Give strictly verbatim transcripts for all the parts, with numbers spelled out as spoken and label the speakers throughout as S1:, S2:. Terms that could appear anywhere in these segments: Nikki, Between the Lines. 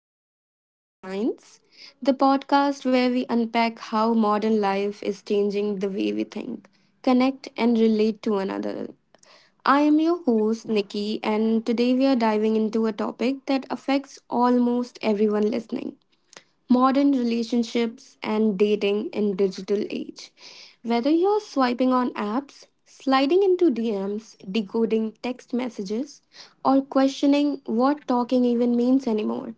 S1: back to Between the Lines, the podcast where we unpack how modern life is changing the way we think, connect, and relate to another. I am your host, Nikki, and today we are diving into a topic that affects almost everyone listening modern relationships and dating in digital age. Whether you're swiping on apps, sliding into D Ms, decoding text messages, or questioning what talking even means anymore,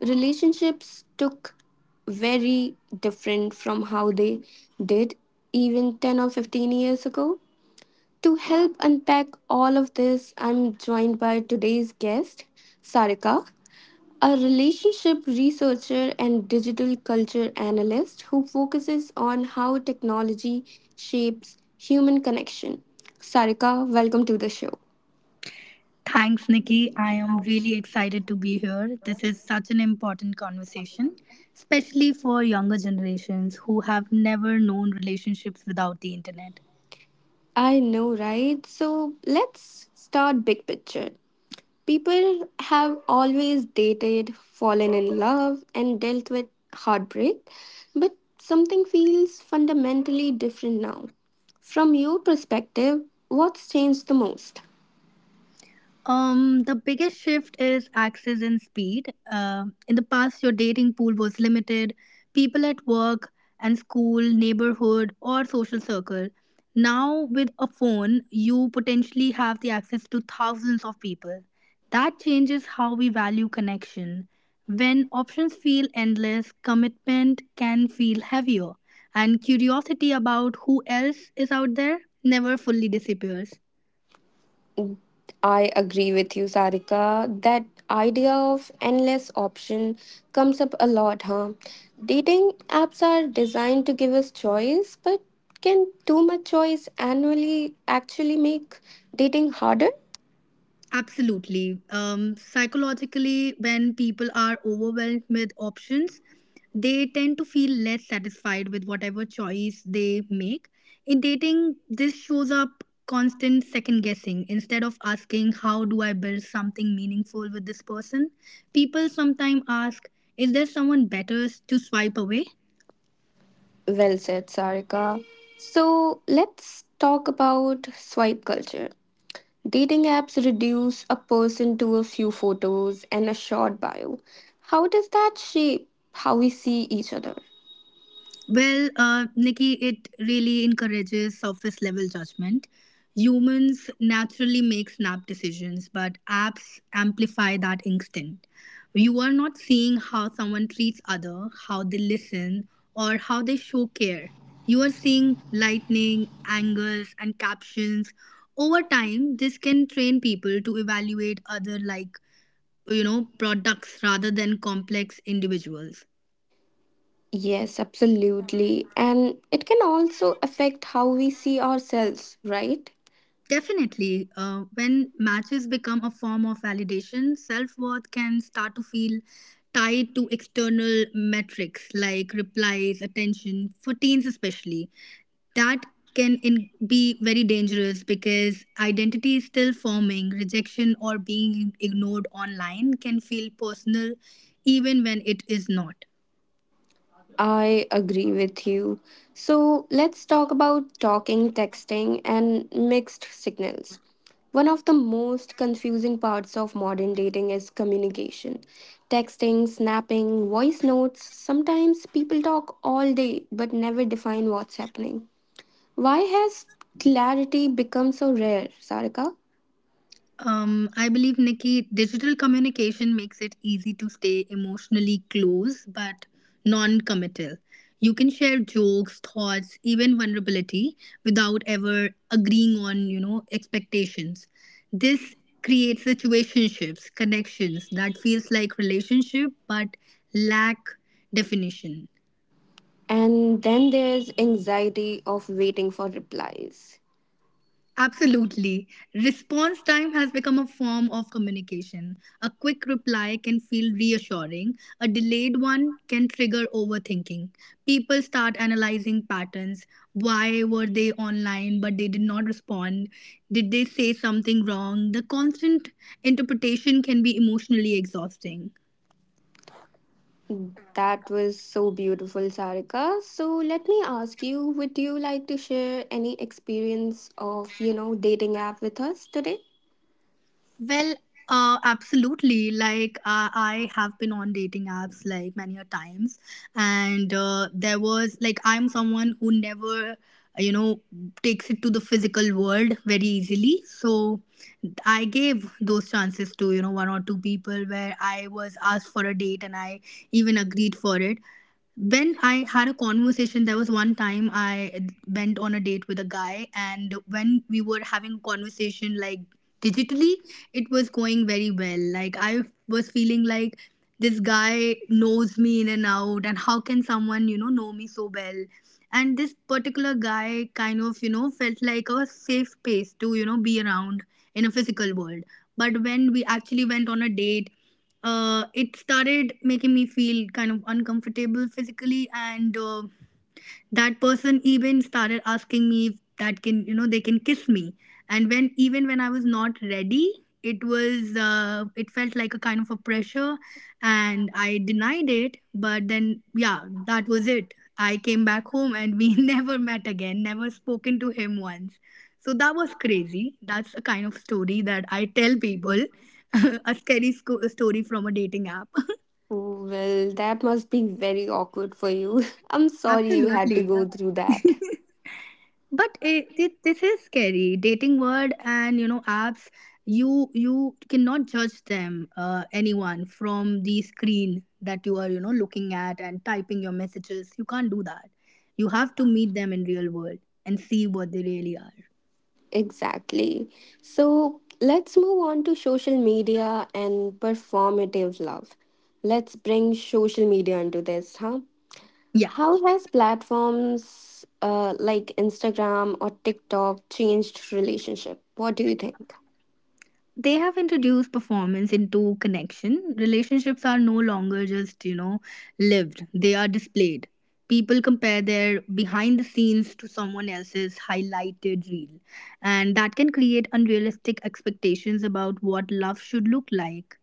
S1: relationships took very different from how they did even ten or fifteen years ago. To help unpack all of this, I'm joined by today's guest, Sarika a relationship researcher and digital culture analyst who focuses on how technology shapes human connection. Sarika, welcome to the show.
S2: Thanks, Nikki. I am really excited to be here. This is such an important conversation, especially for younger generations who have never known relationships without the internet.
S1: I know, right? So let's start big picture. People have always dated, fallen in love, and dealt with heartbreak, but something feels fundamentally different now. From your perspective, what's changed the most?
S2: Um, the biggest shift is access and speed. Uh, in the past, your dating pool was limited. People at work and school, neighborhood, or social circle. Now, with a phone, you potentially have the access to thousands of people. That changes how we value connection. When options feel endless, commitment can feel heavier, and curiosity about who else is out there never fully disappears.
S1: I agree with you, Sarika. That idea of endless option comes up a lot, huh? Dating apps are designed to give us choice, but can too much choice annually actually make dating harder?
S2: Absolutely. Um, psychologically, when people are overwhelmed with options, they tend to feel less satisfied with whatever choice they make. In dating, this shows up constant second guessing instead of asking, how do I build something meaningful with this person? People sometimes ask, is there someone better to swipe away?
S1: Well said, Sarika. So let's talk about swipe culture. Dating apps reduce a person to a few photos and a short bio. How does that shape how we see each other?
S2: Well, uh, Nikki, it really encourages surface level judgment. Humans naturally make snap decisions, but apps amplify that instinct. You are not seeing how someone treats other, how they listen, or how they show care. You are seeing lightning, angles, and captions. Over time, this can train people to evaluate other like you know products rather than complex individuals.
S1: Yes, absolutely. And it can also affect how we see ourselves, right?
S2: Definitely. Uh, when matches become a form of validation, self worth can start to feel tied to external metrics like replies, attention, for teens especially. That can in- be very dangerous because identity is still forming. Rejection or being ignored online can feel personal even when it is not.
S1: I agree with you. So let's talk about talking, texting, and mixed signals. One of the most confusing parts of modern dating is communication. Texting, snapping, voice notes. Sometimes people talk all day but never define what's happening. Why has clarity become so rare, Sarika?
S2: Um, I believe, Nikki, digital communication makes it easy to stay emotionally close but non committal. You can share jokes, thoughts, even vulnerability without ever agreeing on, you know, expectations. This creates situationships, connections that feels like relationship but lack definition.
S1: And then there's anxiety of waiting for replies.
S2: Absolutely. Response time has become a form of communication. A quick reply can feel reassuring, a delayed one can trigger overthinking. People start analyzing patterns. Why were they online but they did not respond? Did they say something wrong? The constant interpretation can be emotionally exhausting.
S1: That was so beautiful, Sarika. So let me ask you, would you like to share any experience of, you know, dating app with us today?
S2: Well, uh, absolutely. Like uh, I have been on dating apps like many a times, and uh, there was like I'm someone who never, you know, takes it to the physical world very easily. So I gave those chances to you know one or two people where I was asked for a date and I even agreed for it. When I had a conversation, there was one time I went on a date with a guy, and when we were having a conversation like digitally, it was going very well. Like, I was feeling like this guy knows me in and out, and how can someone, you know, know me so well? And this particular guy kind of, you know, felt like a safe space to, you know, be around in a physical world. But when we actually went on a date, uh, it started making me feel kind of uncomfortable physically and uh, that person even started asking me if that can you know they can kiss me, and when even when I was not ready, it was uh, it felt like a kind of a pressure, and I denied it but then, yeah, that was it. I came back home and we never met again, never spoken to him once. So that was crazy. That's a kind of story that I tell people. A scary sco- story from a dating app.
S1: Well, that must be very awkward for you. I'm sorry you had to
S2: Absolutely, yeah.
S1: go through that.
S2: But it, thi- this is scary dating word and you know apps. You you cannot judge them, uh, anyone from the screen that you are you know looking at and typing your messages. You can't do that. You have to meet them in real world and see what they really are.
S1: Exactly. So let's move on to social media and performative love. Let's bring social media into this, huh?
S2: Yeah,
S1: How has platforms uh, like Instagram or TikTok changed relationship? What do you think?
S2: they have introduced performance into connection. Relationships are no longer just, you know, lived, they are displayed. People compare their behind the scenes to someone else's highlighted reel, and that can create unrealistic expectations about what love should look like.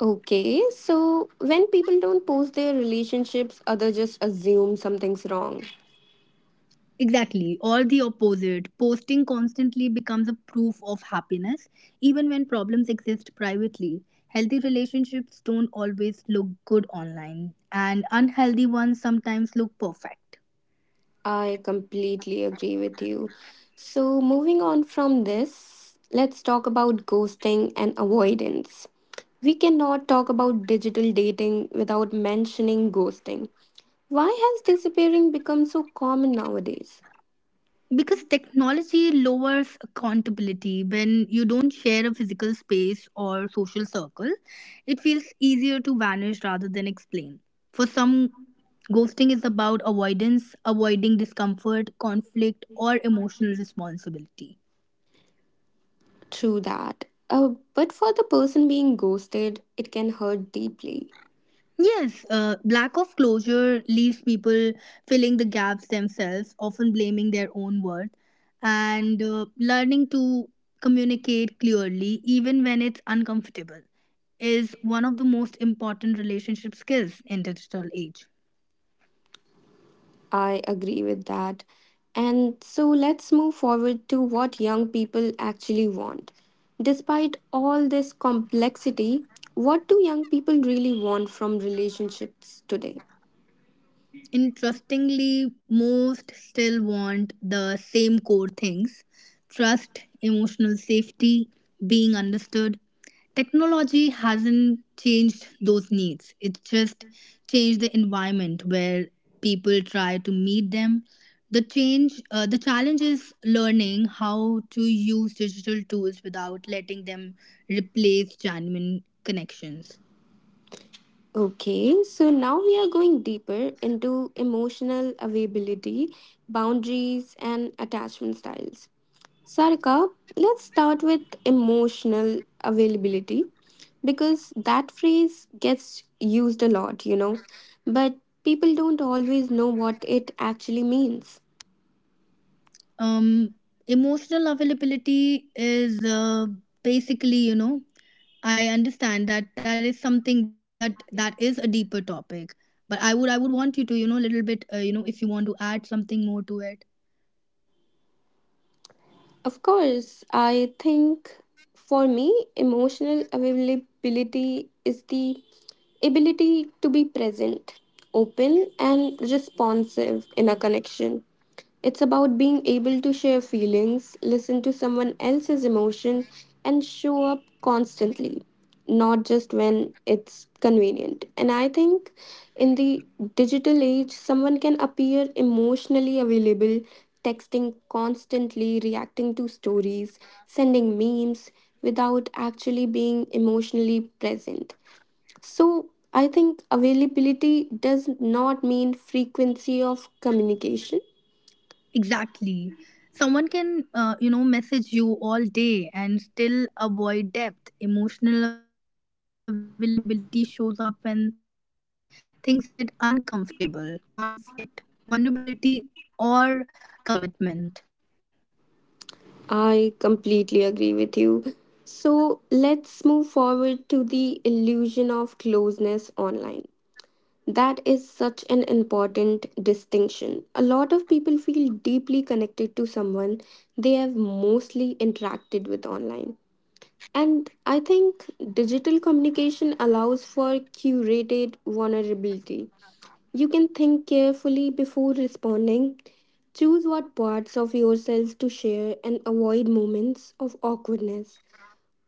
S1: Okay, so when people don't post their relationships, others just assume something's wrong.
S2: Exactly, or the opposite. Posting constantly becomes a proof of happiness, even when problems exist privately. Healthy relationships don't always look good online, and unhealthy ones sometimes look perfect.
S1: I completely agree with you. So moving on from this, let's talk about ghosting and avoidance. We cannot talk about digital dating without mentioning ghosting. Why has disappearing become so common nowadays?
S2: Because technology lowers accountability. When you don't share a physical space or social circle, it feels easier to vanish rather than explain. For some, ghosting is about avoidance, avoiding discomfort, conflict, or emotional responsibility.
S1: True that. Uh, but for the person being ghosted, it can hurt deeply.
S2: Yes, uh, lack of closure leaves people filling the gaps themselves, often blaming their own worth, and uh, learning to communicate clearly even when it's uncomfortable is one of the most important relationship skills in digital age.
S1: I agree with that. And so let's move forward to what young people actually want. Despite all this complexity, what do young people really want from relationships today?
S2: Interestingly, most still want the same core things: trust, emotional safety, being understood. Technology hasn't changed those needs, it's just changed the environment where people try to meet them. The change, uh, the challenge is learning how to use digital tools without letting them replace genuine connections.
S1: Okay, so now we are going deeper into emotional availability, boundaries, and attachment styles. Sarika, let's start with emotional availability because that phrase gets used a lot, you know, but people don't always know what it actually means.
S2: um emotional availability is uh, basically, you know I understand that that is something that that is a deeper topic, but i would i would want you to you know a little bit, uh, you know, if you want to add something more to it.
S1: Of course, I think for me, emotional availability is the ability to be present, open, and responsive in a connection. It's about being able to share feelings, listen to someone else's emotion, and show up constantly, not just when it's convenient. And I think in the digital age, someone can appear emotionally available, texting constantly, reacting to stories, sending memes without actually being emotionally present. So I think availability does not mean frequency of communication.
S2: Exactly, someone can uh, you know, message you all day and still avoid depth. Emotional availability shows up when things get uncomfortable: conflict, vulnerability, or commitment.
S1: I completely agree with you. So let's move forward to the illusion of closeness online. That is such an important distinction. A lot of people feel deeply connected to someone they have mostly interacted with online. And I think digital communication allows for curated vulnerability. You can think carefully before responding. Choose what parts of yourself to share and avoid moments of awkwardness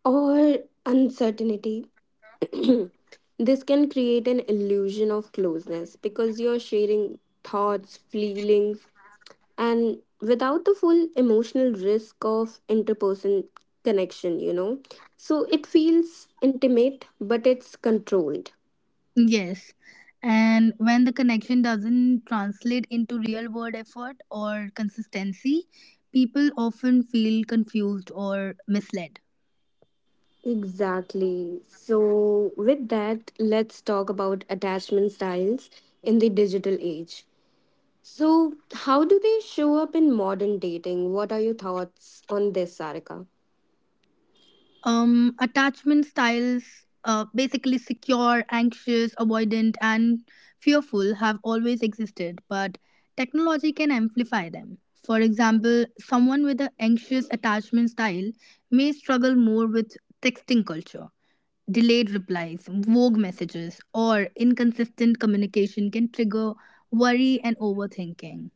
S1: or uncertainty. This can create an illusion of closeness because you're sharing thoughts, feelings, and without the full emotional risk of interperson connection, you know. So it feels intimate, but it's controlled.
S2: Yes. And when the connection doesn't translate into real world effort or consistency, people often feel confused or misled.
S1: Exactly. So, with that, let's talk about attachment styles in the digital age. So, how do they show up in modern dating? What are your thoughts on this, Sarika?
S2: Um, attachment styles, uh, basically secure, anxious, avoidant, and fearful, have always existed, but technology can amplify them. For example, someone with an anxious attachment style may struggle more with texting culture. Delayed replies, vague messages, or inconsistent communication can trigger worry and overthinking.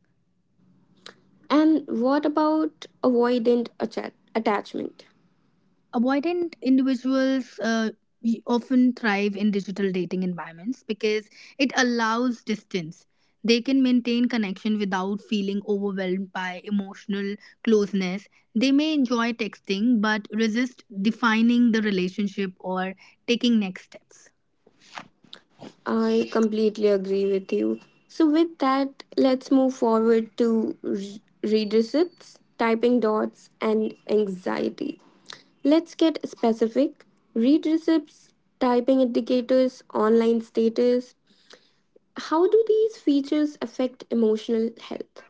S1: And what about avoidant atta- attachment?
S2: Avoidant individuals uh, y- often thrive in digital dating environments because it allows distance. They can maintain connection without feeling overwhelmed by emotional closeness. They may enjoy texting but resist defining the relationship or taking next steps.
S1: I completely agree with you. So, with that, let's move forward to re- read receipts, typing dots, and anxiety. Let's get specific. Read receipts, typing indicators, online status. How do these features affect emotional health?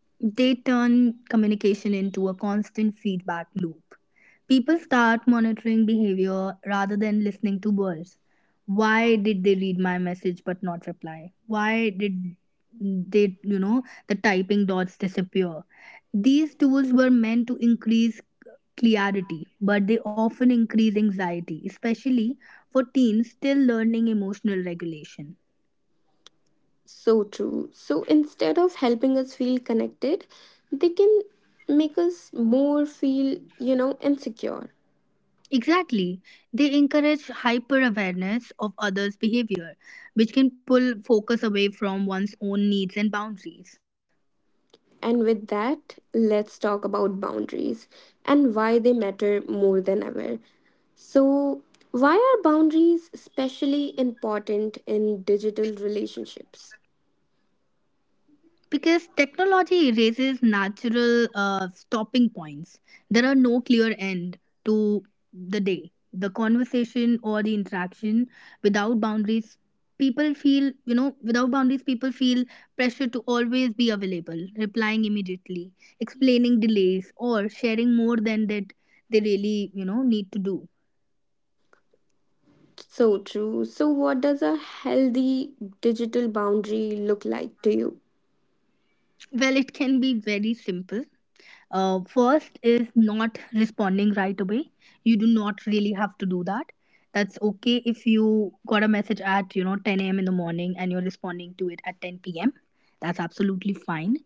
S2: They turn communication into a constant feedback loop. People start monitoring behavior rather than listening to words. Why did they read my message but not reply? Why did they, you know, the typing dots disappear? These tools were meant to increase clarity, but they often increase anxiety, especially for teens still learning emotional regulation.
S1: So true. So instead of helping us feel connected, they can make us more feel, you know, insecure.
S2: Exactly. They encourage hyper awareness of others' behavior, which can pull focus away from one's own needs and boundaries.
S1: And with that, let's talk about boundaries and why they matter more than ever. So, why are boundaries especially important in digital relationships?
S2: Because technology erases natural uh, stopping points. There are no clear end to the day, the conversation or the interaction without boundaries. People feel, you know, without boundaries, people feel pressure to always be available, replying immediately, explaining delays, or sharing more than that they really, you know, need to do.
S1: So true. So, what does a healthy digital boundary look like to you?
S2: Well, it can be very simple. Uh, first is not responding right away. You do not really have to do that. That's okay. If you got a message at you know ten a m in the morning and you're responding to it at ten p m, that's absolutely fine.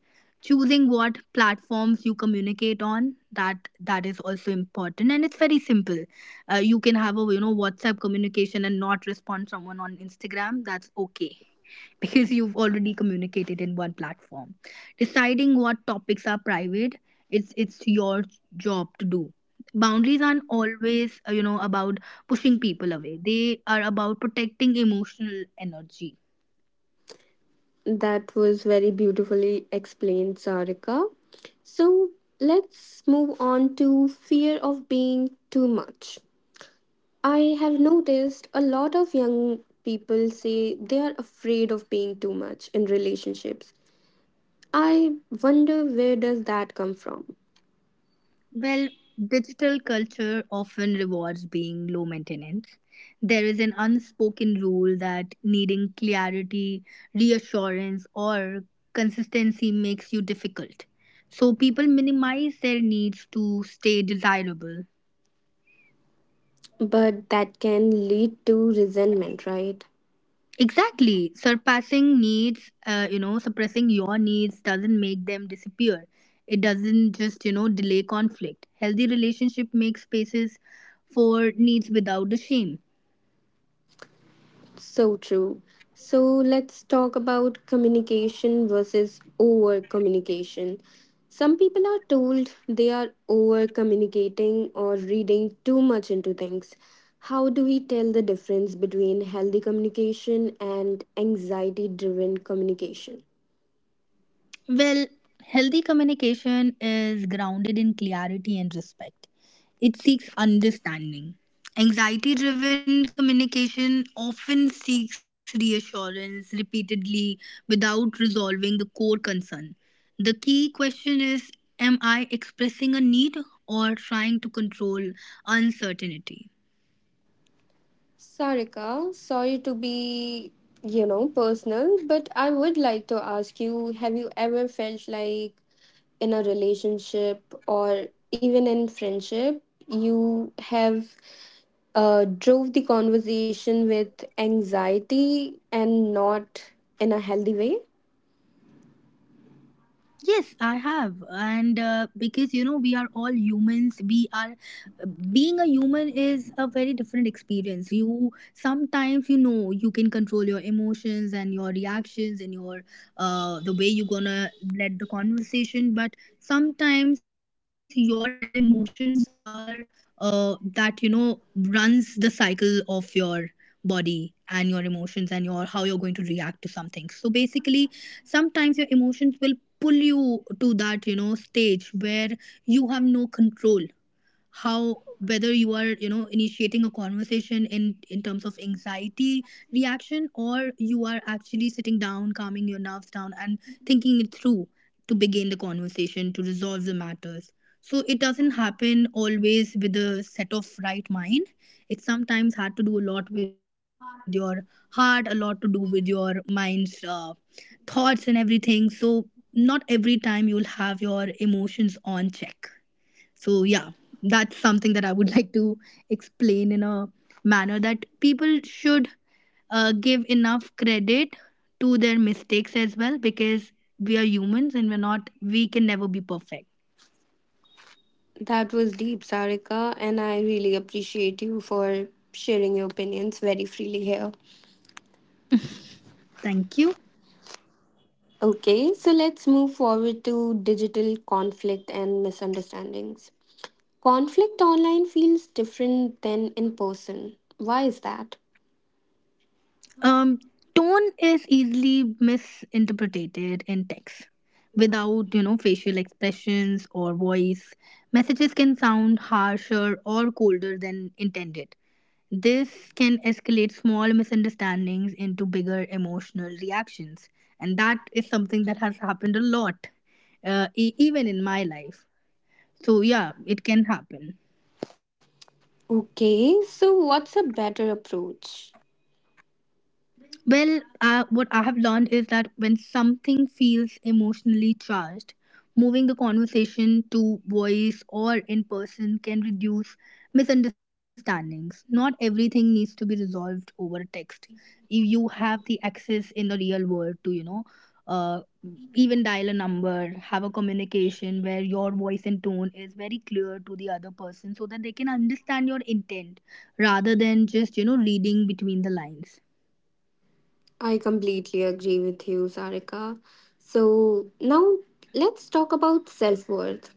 S2: Choosing what platforms you communicate on, that that is also important, and it's very simple. Uh, you can have a you know WhatsApp communication and not respond someone on Instagram. That's okay because you've already communicated in one platform. Deciding what topics are private, it's it's your job to do. Boundaries aren't always, uh, you know, about pushing people away, they are about protecting emotional energy.
S1: That was very beautifully explained, Sarika. So, let's move on to fear of being too much. I have noticed a lot of young people say they are afraid of paying too much in relationships. I wonder where does that come from?
S2: Well, digital culture often rewards being low maintenance. There is an unspoken rule that needing clarity, reassurance, or consistency makes you difficult, so people minimize their needs to stay desirable.
S1: But that can lead to resentment, right?
S2: Exactly. Surpassing needs, uh, you know, suppressing your needs doesn't make them disappear. It doesn't just, you know, delay conflict. Healthy relationship makes spaces for needs without the shame.
S1: So true. So let's talk about communication versus over communication. Some people are told they are over communicating or reading too much into things. How do we tell the difference between healthy communication and anxiety driven communication?
S2: Well, healthy communication is grounded in clarity and respect. It seeks understanding. Anxiety driven communication often seeks reassurance repeatedly without resolving the core concern. The key question is, am I expressing a need or trying to control uncertainty?
S1: Sarika, sorry to be, you know, personal, but I would like to ask you have you ever felt like in a relationship or even in friendship, you have uh, drove the conversation with anxiety and not in a healthy way?
S2: Yes, I have. And uh, because you know, we are all humans, we are uh, being a human is a very different experience. You sometimes you know you can control your emotions and your reactions and your uh, the way you're gonna let the conversation, but sometimes your emotions are uh, that you know runs the cycle of your body and your emotions and your how you're going to react to something. So basically, sometimes your emotions will pull you to that you know stage where you have no control how, whether you are, you know initiating a conversation in in terms of anxiety reaction, or you are actually sitting down, calming your nerves down and thinking it through to begin the conversation to resolve the matters. So it doesn't happen always with a set of right mind. It sometimes had to do a lot with your heart, a lot to do with your mind's uh, thoughts and everything. So not every time you'll have your emotions on check. So, yeah, that's something that I would like to explain in a manner that people should uh, give enough credit to their mistakes as well, because we are humans and we're not, we can never be perfect.
S1: That was deep, Sarika, and I really appreciate you for sharing your opinions very freely here.
S2: Thank you.
S1: Okay, so let's move forward to digital conflict and misunderstandings. Conflict online feels different than in person. Why is that?
S2: um Tone is easily misinterpreted in text. Without you know facial expressions or voice, messages can sound harsher or colder than intended. This can escalate small misunderstandings into bigger emotional reactions, and that is something that has happened a lot, uh, e- even in my life. So yeah, it can happen.
S1: Okay, so what's a better approach?
S2: Well, uh, what I have learned is that when something feels emotionally charged, moving the conversation to voice or in person can reduce misunderstandings. Not everything needs to be resolved over text. If you have the access in the real world to, you know, uh, even dial a number, have a communication where your voice and tone is very clear to the other person so that they can understand your intent, rather than just, you know, reading between the lines.
S1: I completely agree with you, Sarika. So now let's talk about self worth.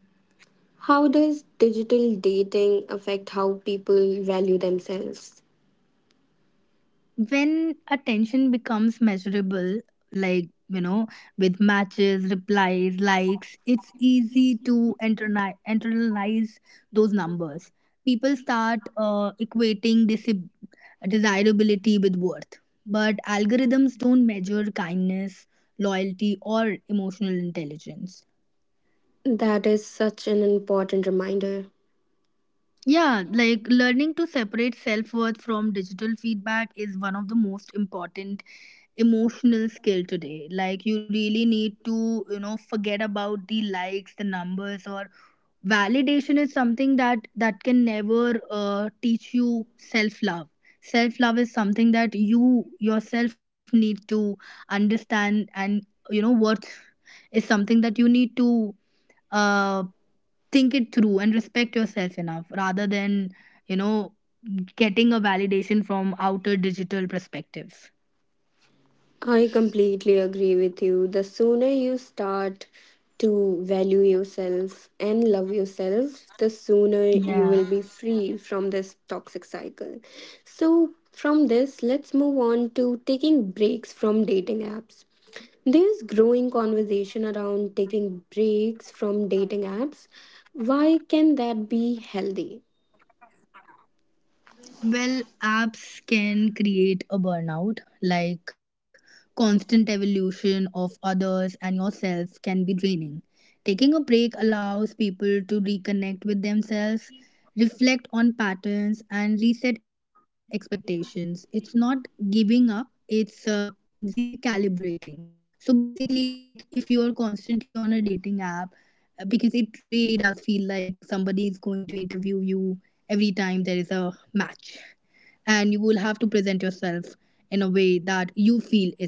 S1: How does digital dating affect how people value themselves?
S2: When attention becomes measurable, like, you know, with matches, replies, likes, it's easy to interni- internalize those numbers. People start uh, equating disib- desirability with worth, but algorithms don't measure kindness, loyalty, or emotional intelligence.
S1: That is such an important reminder.
S2: Yeah, like learning to separate self worth from digital feedback is one of the most important emotional skill today. Like, you really need to, you know, forget about the likes, the numbers, or validation is something that that can never uh, teach you self love. Self love is something that you yourself need to understand, and, you know, worth is something that you need to. Uh, think it through and respect yourself enough rather than, you know, getting a validation from outer digital perspective.
S1: I completely agree with you. The sooner you start to value yourself and love yourself, the sooner you will be
S2: Yeah.
S1: free from this toxic cycle. So, from this, let's move on to taking breaks from dating apps. There's growing conversation around taking breaks from dating apps. Why can that be healthy?
S2: Well, apps can create a burnout, like constant evolution of others and yourself can be draining. Taking a break allows people to reconnect with themselves, reflect on patterns, and reset expectations. It's not giving up, it's uh, recalibrating. So basically, like, if you're constantly on a dating app, uh, because it really does feel like somebody is going to interview you every time there is a match, and you will have to present yourself in a way that you feel is correct.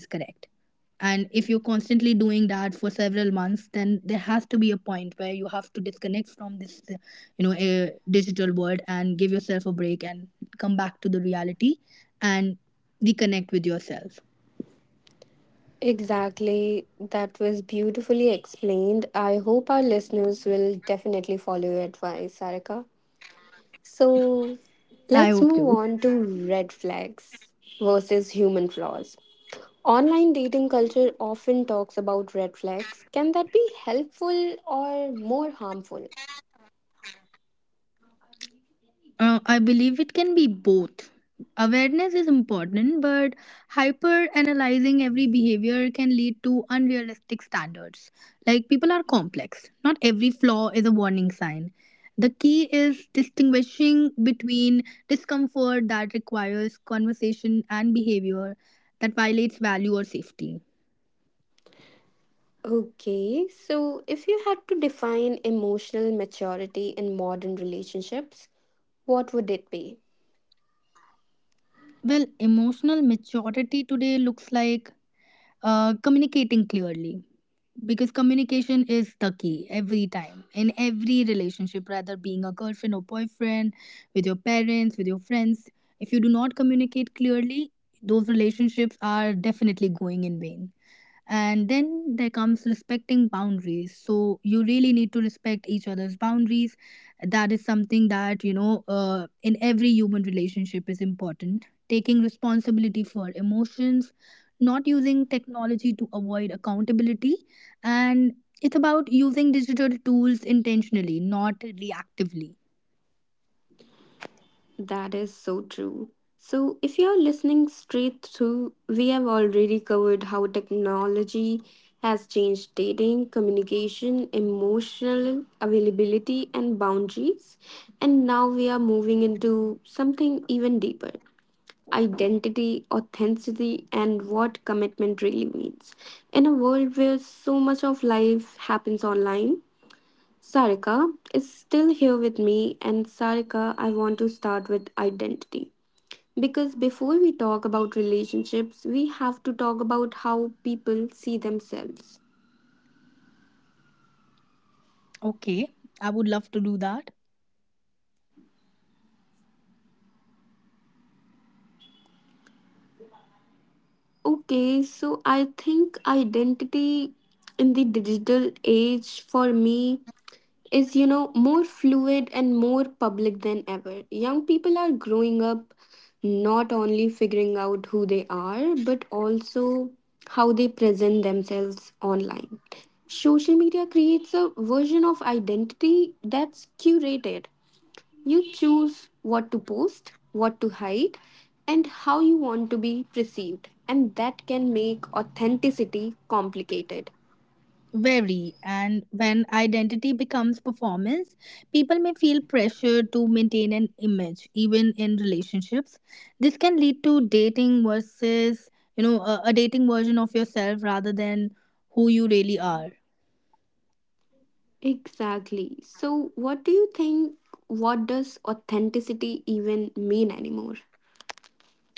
S2: And if you're constantly doing that for several months, then there has to be a point where you have to disconnect from this, uh, you know, uh, digital world and give yourself a break and come back to the reality and reconnect with yourself.
S1: Exactly. That was beautifully explained. I hope our listeners will definitely follow your advice, Sarika. So let's move
S2: I hope
S1: on to
S2: to.
S1: red flags versus human flaws. Online dating culture often talks about red flags. Can that be helpful or more harmful?
S2: Uh, I believe it can be both. Awareness is important, but hyper analyzing every behavior can lead to unrealistic standards. Like, people are complex, not every flaw is a warning sign. The key is distinguishing between discomfort that requires conversation and behavior that violates value or safety.
S1: Okay, so if you had to define emotional maturity in modern relationships, what would it be?
S2: Well, emotional maturity today looks like, Uh, communicating clearly, because communication is the key every time in every relationship, rather being a girlfriend or boyfriend, with your parents, with your friends. If you do not communicate clearly, those relationships are definitely going in vain. And then there comes respecting boundaries, so you really need to respect each other's boundaries. That is something that, you know uh, in every human relationship is important. Taking responsibility for emotions, not using technology to avoid accountability, and it's about using digital tools intentionally, not reactively.
S1: That is so true. So, if you're listening straight through, we have already covered how technology has changed dating, communication, emotional availability, and boundaries. And now we are moving into something even deeper identity, authenticity, and what commitment really means. In a world where so much of life happens online, Sarika is still here with me, and Sarika, I want to start with identity. Because before we talk about relationships, we have to talk about how people see themselves.
S2: Okay, I would love to do that.
S1: Okay, so I think identity in the digital age for me is, you know, more fluid and more public than ever. Young people are growing up not only figuring out who they are but also how they present themselves online. Social media creates a version of identity that's curated. You choose what to post, what to hide, and how you want to be perceived, and that can make authenticity complicated.
S2: Very. And when identity becomes performance, people may feel pressure to maintain an image, even in relationships. This can lead to dating versus, you know, a, a dating version of yourself rather than who you really are.
S1: Exactly. So, what do you think? What does authenticity even mean anymore?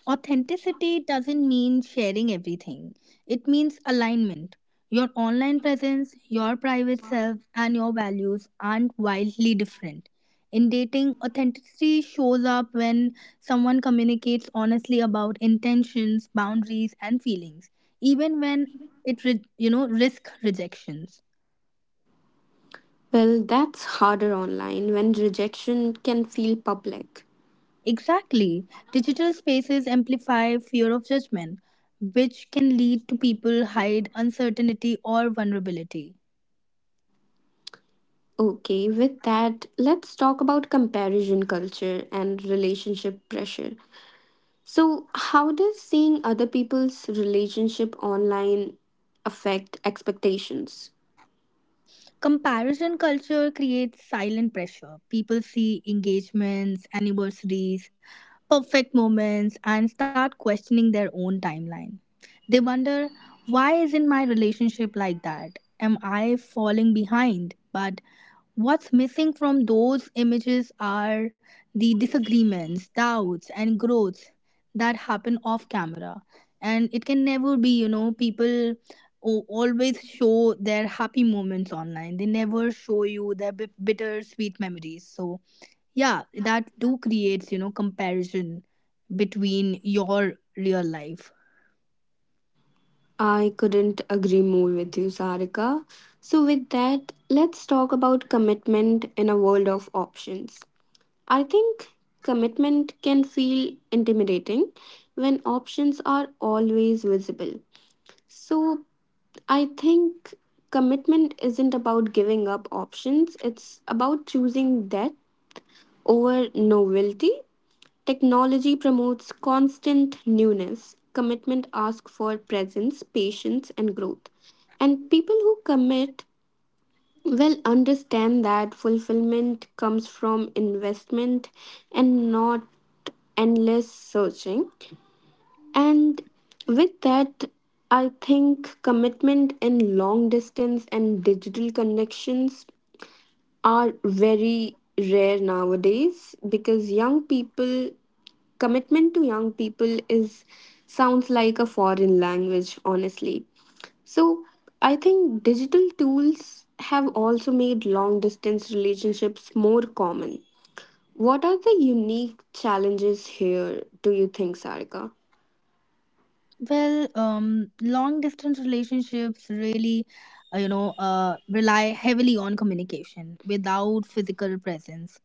S2: Authenticity doesn't mean sharing everything, it means alignment. Your online presence, your private self, and your values aren't wildly different. In dating, authenticity shows up when someone communicates honestly about intentions, boundaries, and feelings, even when it re- you know, risk rejections.
S1: Well, that's harder online when rejection can feel public.
S2: Exactly. Digital spaces amplify fear of judgment, which can lead to people hide uncertainty or vulnerability.
S1: Okay, with that, let's talk about comparison culture and relationship pressure. So, how does seeing other people's relationship online affect expectations?
S2: Comparison culture creates silent pressure. People see engagements, anniversaries, perfect moments, and start questioning their own timeline. They wonder, why isn't my relationship like that? Am I falling behind? But what's missing from those images are the disagreements, doubts, and growths that happen off camera. And it can never be, you know, people o- always show their happy moments online. They never show you their bit- bitter sweet memories. So, yeah, that do creates, you know, comparison between your real life.
S1: I couldn't agree more with you, Sarika. So, with that, let's talk about commitment in a world of options. I think commitment can feel intimidating when options are always visible. So, I think commitment isn't about giving up options, it's about choosing that over novelty. Technology promotes constant newness. Commitment asks for presence, patience, and growth. And people who commit well understand that fulfillment comes from investment and not endless searching. And with that, I think commitment in long distance and digital connections are very rare nowadays because young people commitment to young people is sounds like a foreign language, honestly. So I think digital tools have also made long distance relationships more common. What are the unique challenges here, do you think, Sarika?
S2: Well, um, long distance relationships really, uh, you know, uh, rely heavily on communication without physical presence.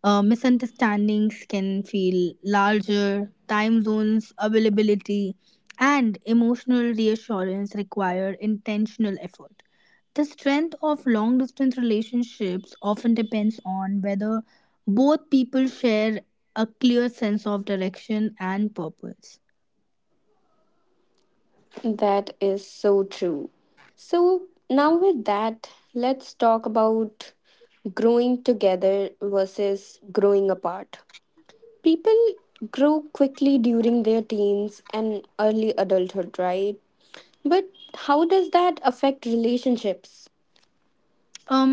S2: Uh, misunderstandings can feel larger, time zones, availability, and emotional reassurance require intentional effort. The strength of long distance relationships often depends on whether both people share a clear sense of direction and purpose.
S1: That is so true. So, now with that, let's talk about growing together versus growing apart. People grow quickly during their teens and early adulthood, right? But how does that affect relationships?
S2: um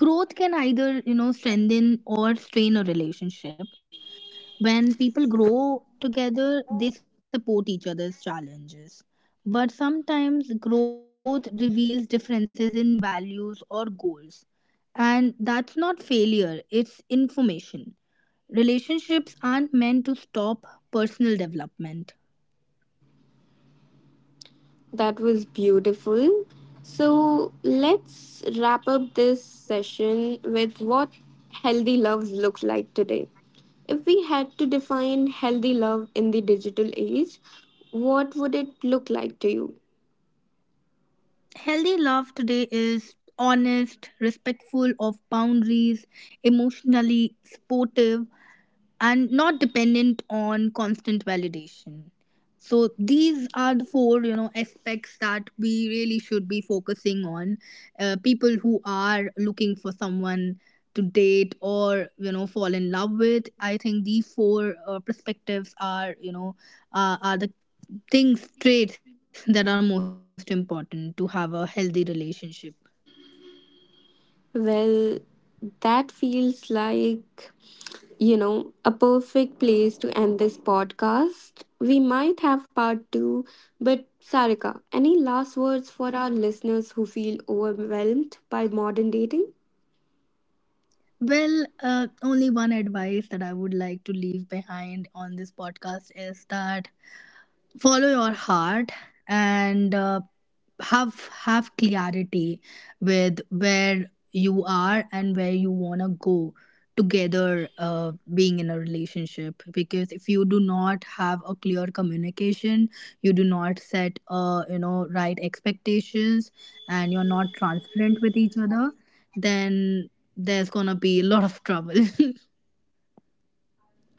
S2: Growth can either, you know, strengthen or strain a relationship. When people grow together, they support each other's challenges, but sometimes growth reveals differences in values or goals, and that's not failure, it's information. Relationships aren't meant to stop personal development.
S1: That was beautiful. So let's wrap up this session with what healthy loves look like today. If we had to define healthy love in the digital age, what would it look like to you?
S2: Healthy love today is honest, respectful of boundaries, emotionally supportive, and not dependent on constant validation. So these are the four, you know, aspects that we really should be focusing on. Uh, people who are looking for someone to date or, you know, fall in love with, I think these four uh, perspectives are, you know, uh, are the things traits that are most important to have a healthy relationship.
S1: Well, that feels like, you know, a perfect place to end this podcast. We might have part two, but Sarika, any last words for our listeners who feel overwhelmed by modern dating?
S2: Well, uh, only one advice that I would like to leave behind on this podcast is that, follow your heart, and uh, have have clarity with where you are and where you want to go together, uh, being in a relationship, because if you do not have a clear communication, you do not set uh, you know, right expectations, and you're not transparent with each other, then there's gonna be a lot of trouble.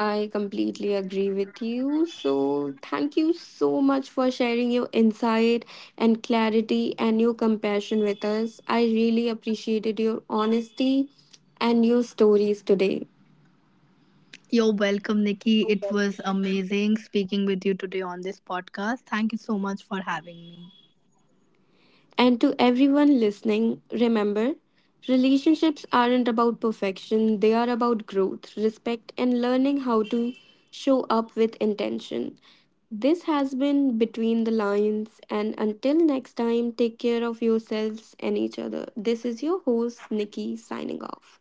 S1: I completely agree with you. So, thank you so much for sharing your insight and clarity and your compassion with us. I really appreciated your honesty and your stories today.
S2: You're welcome, Nikki. It was amazing speaking with you today on this podcast. Thank you so much for having me.
S1: And to everyone listening, remember relationships aren't about perfection, they are about growth, respect, and learning how to show up with intention. This has been Between the Lines, and until next time, take care of yourselves and each other. This is your host, Nikki, signing off.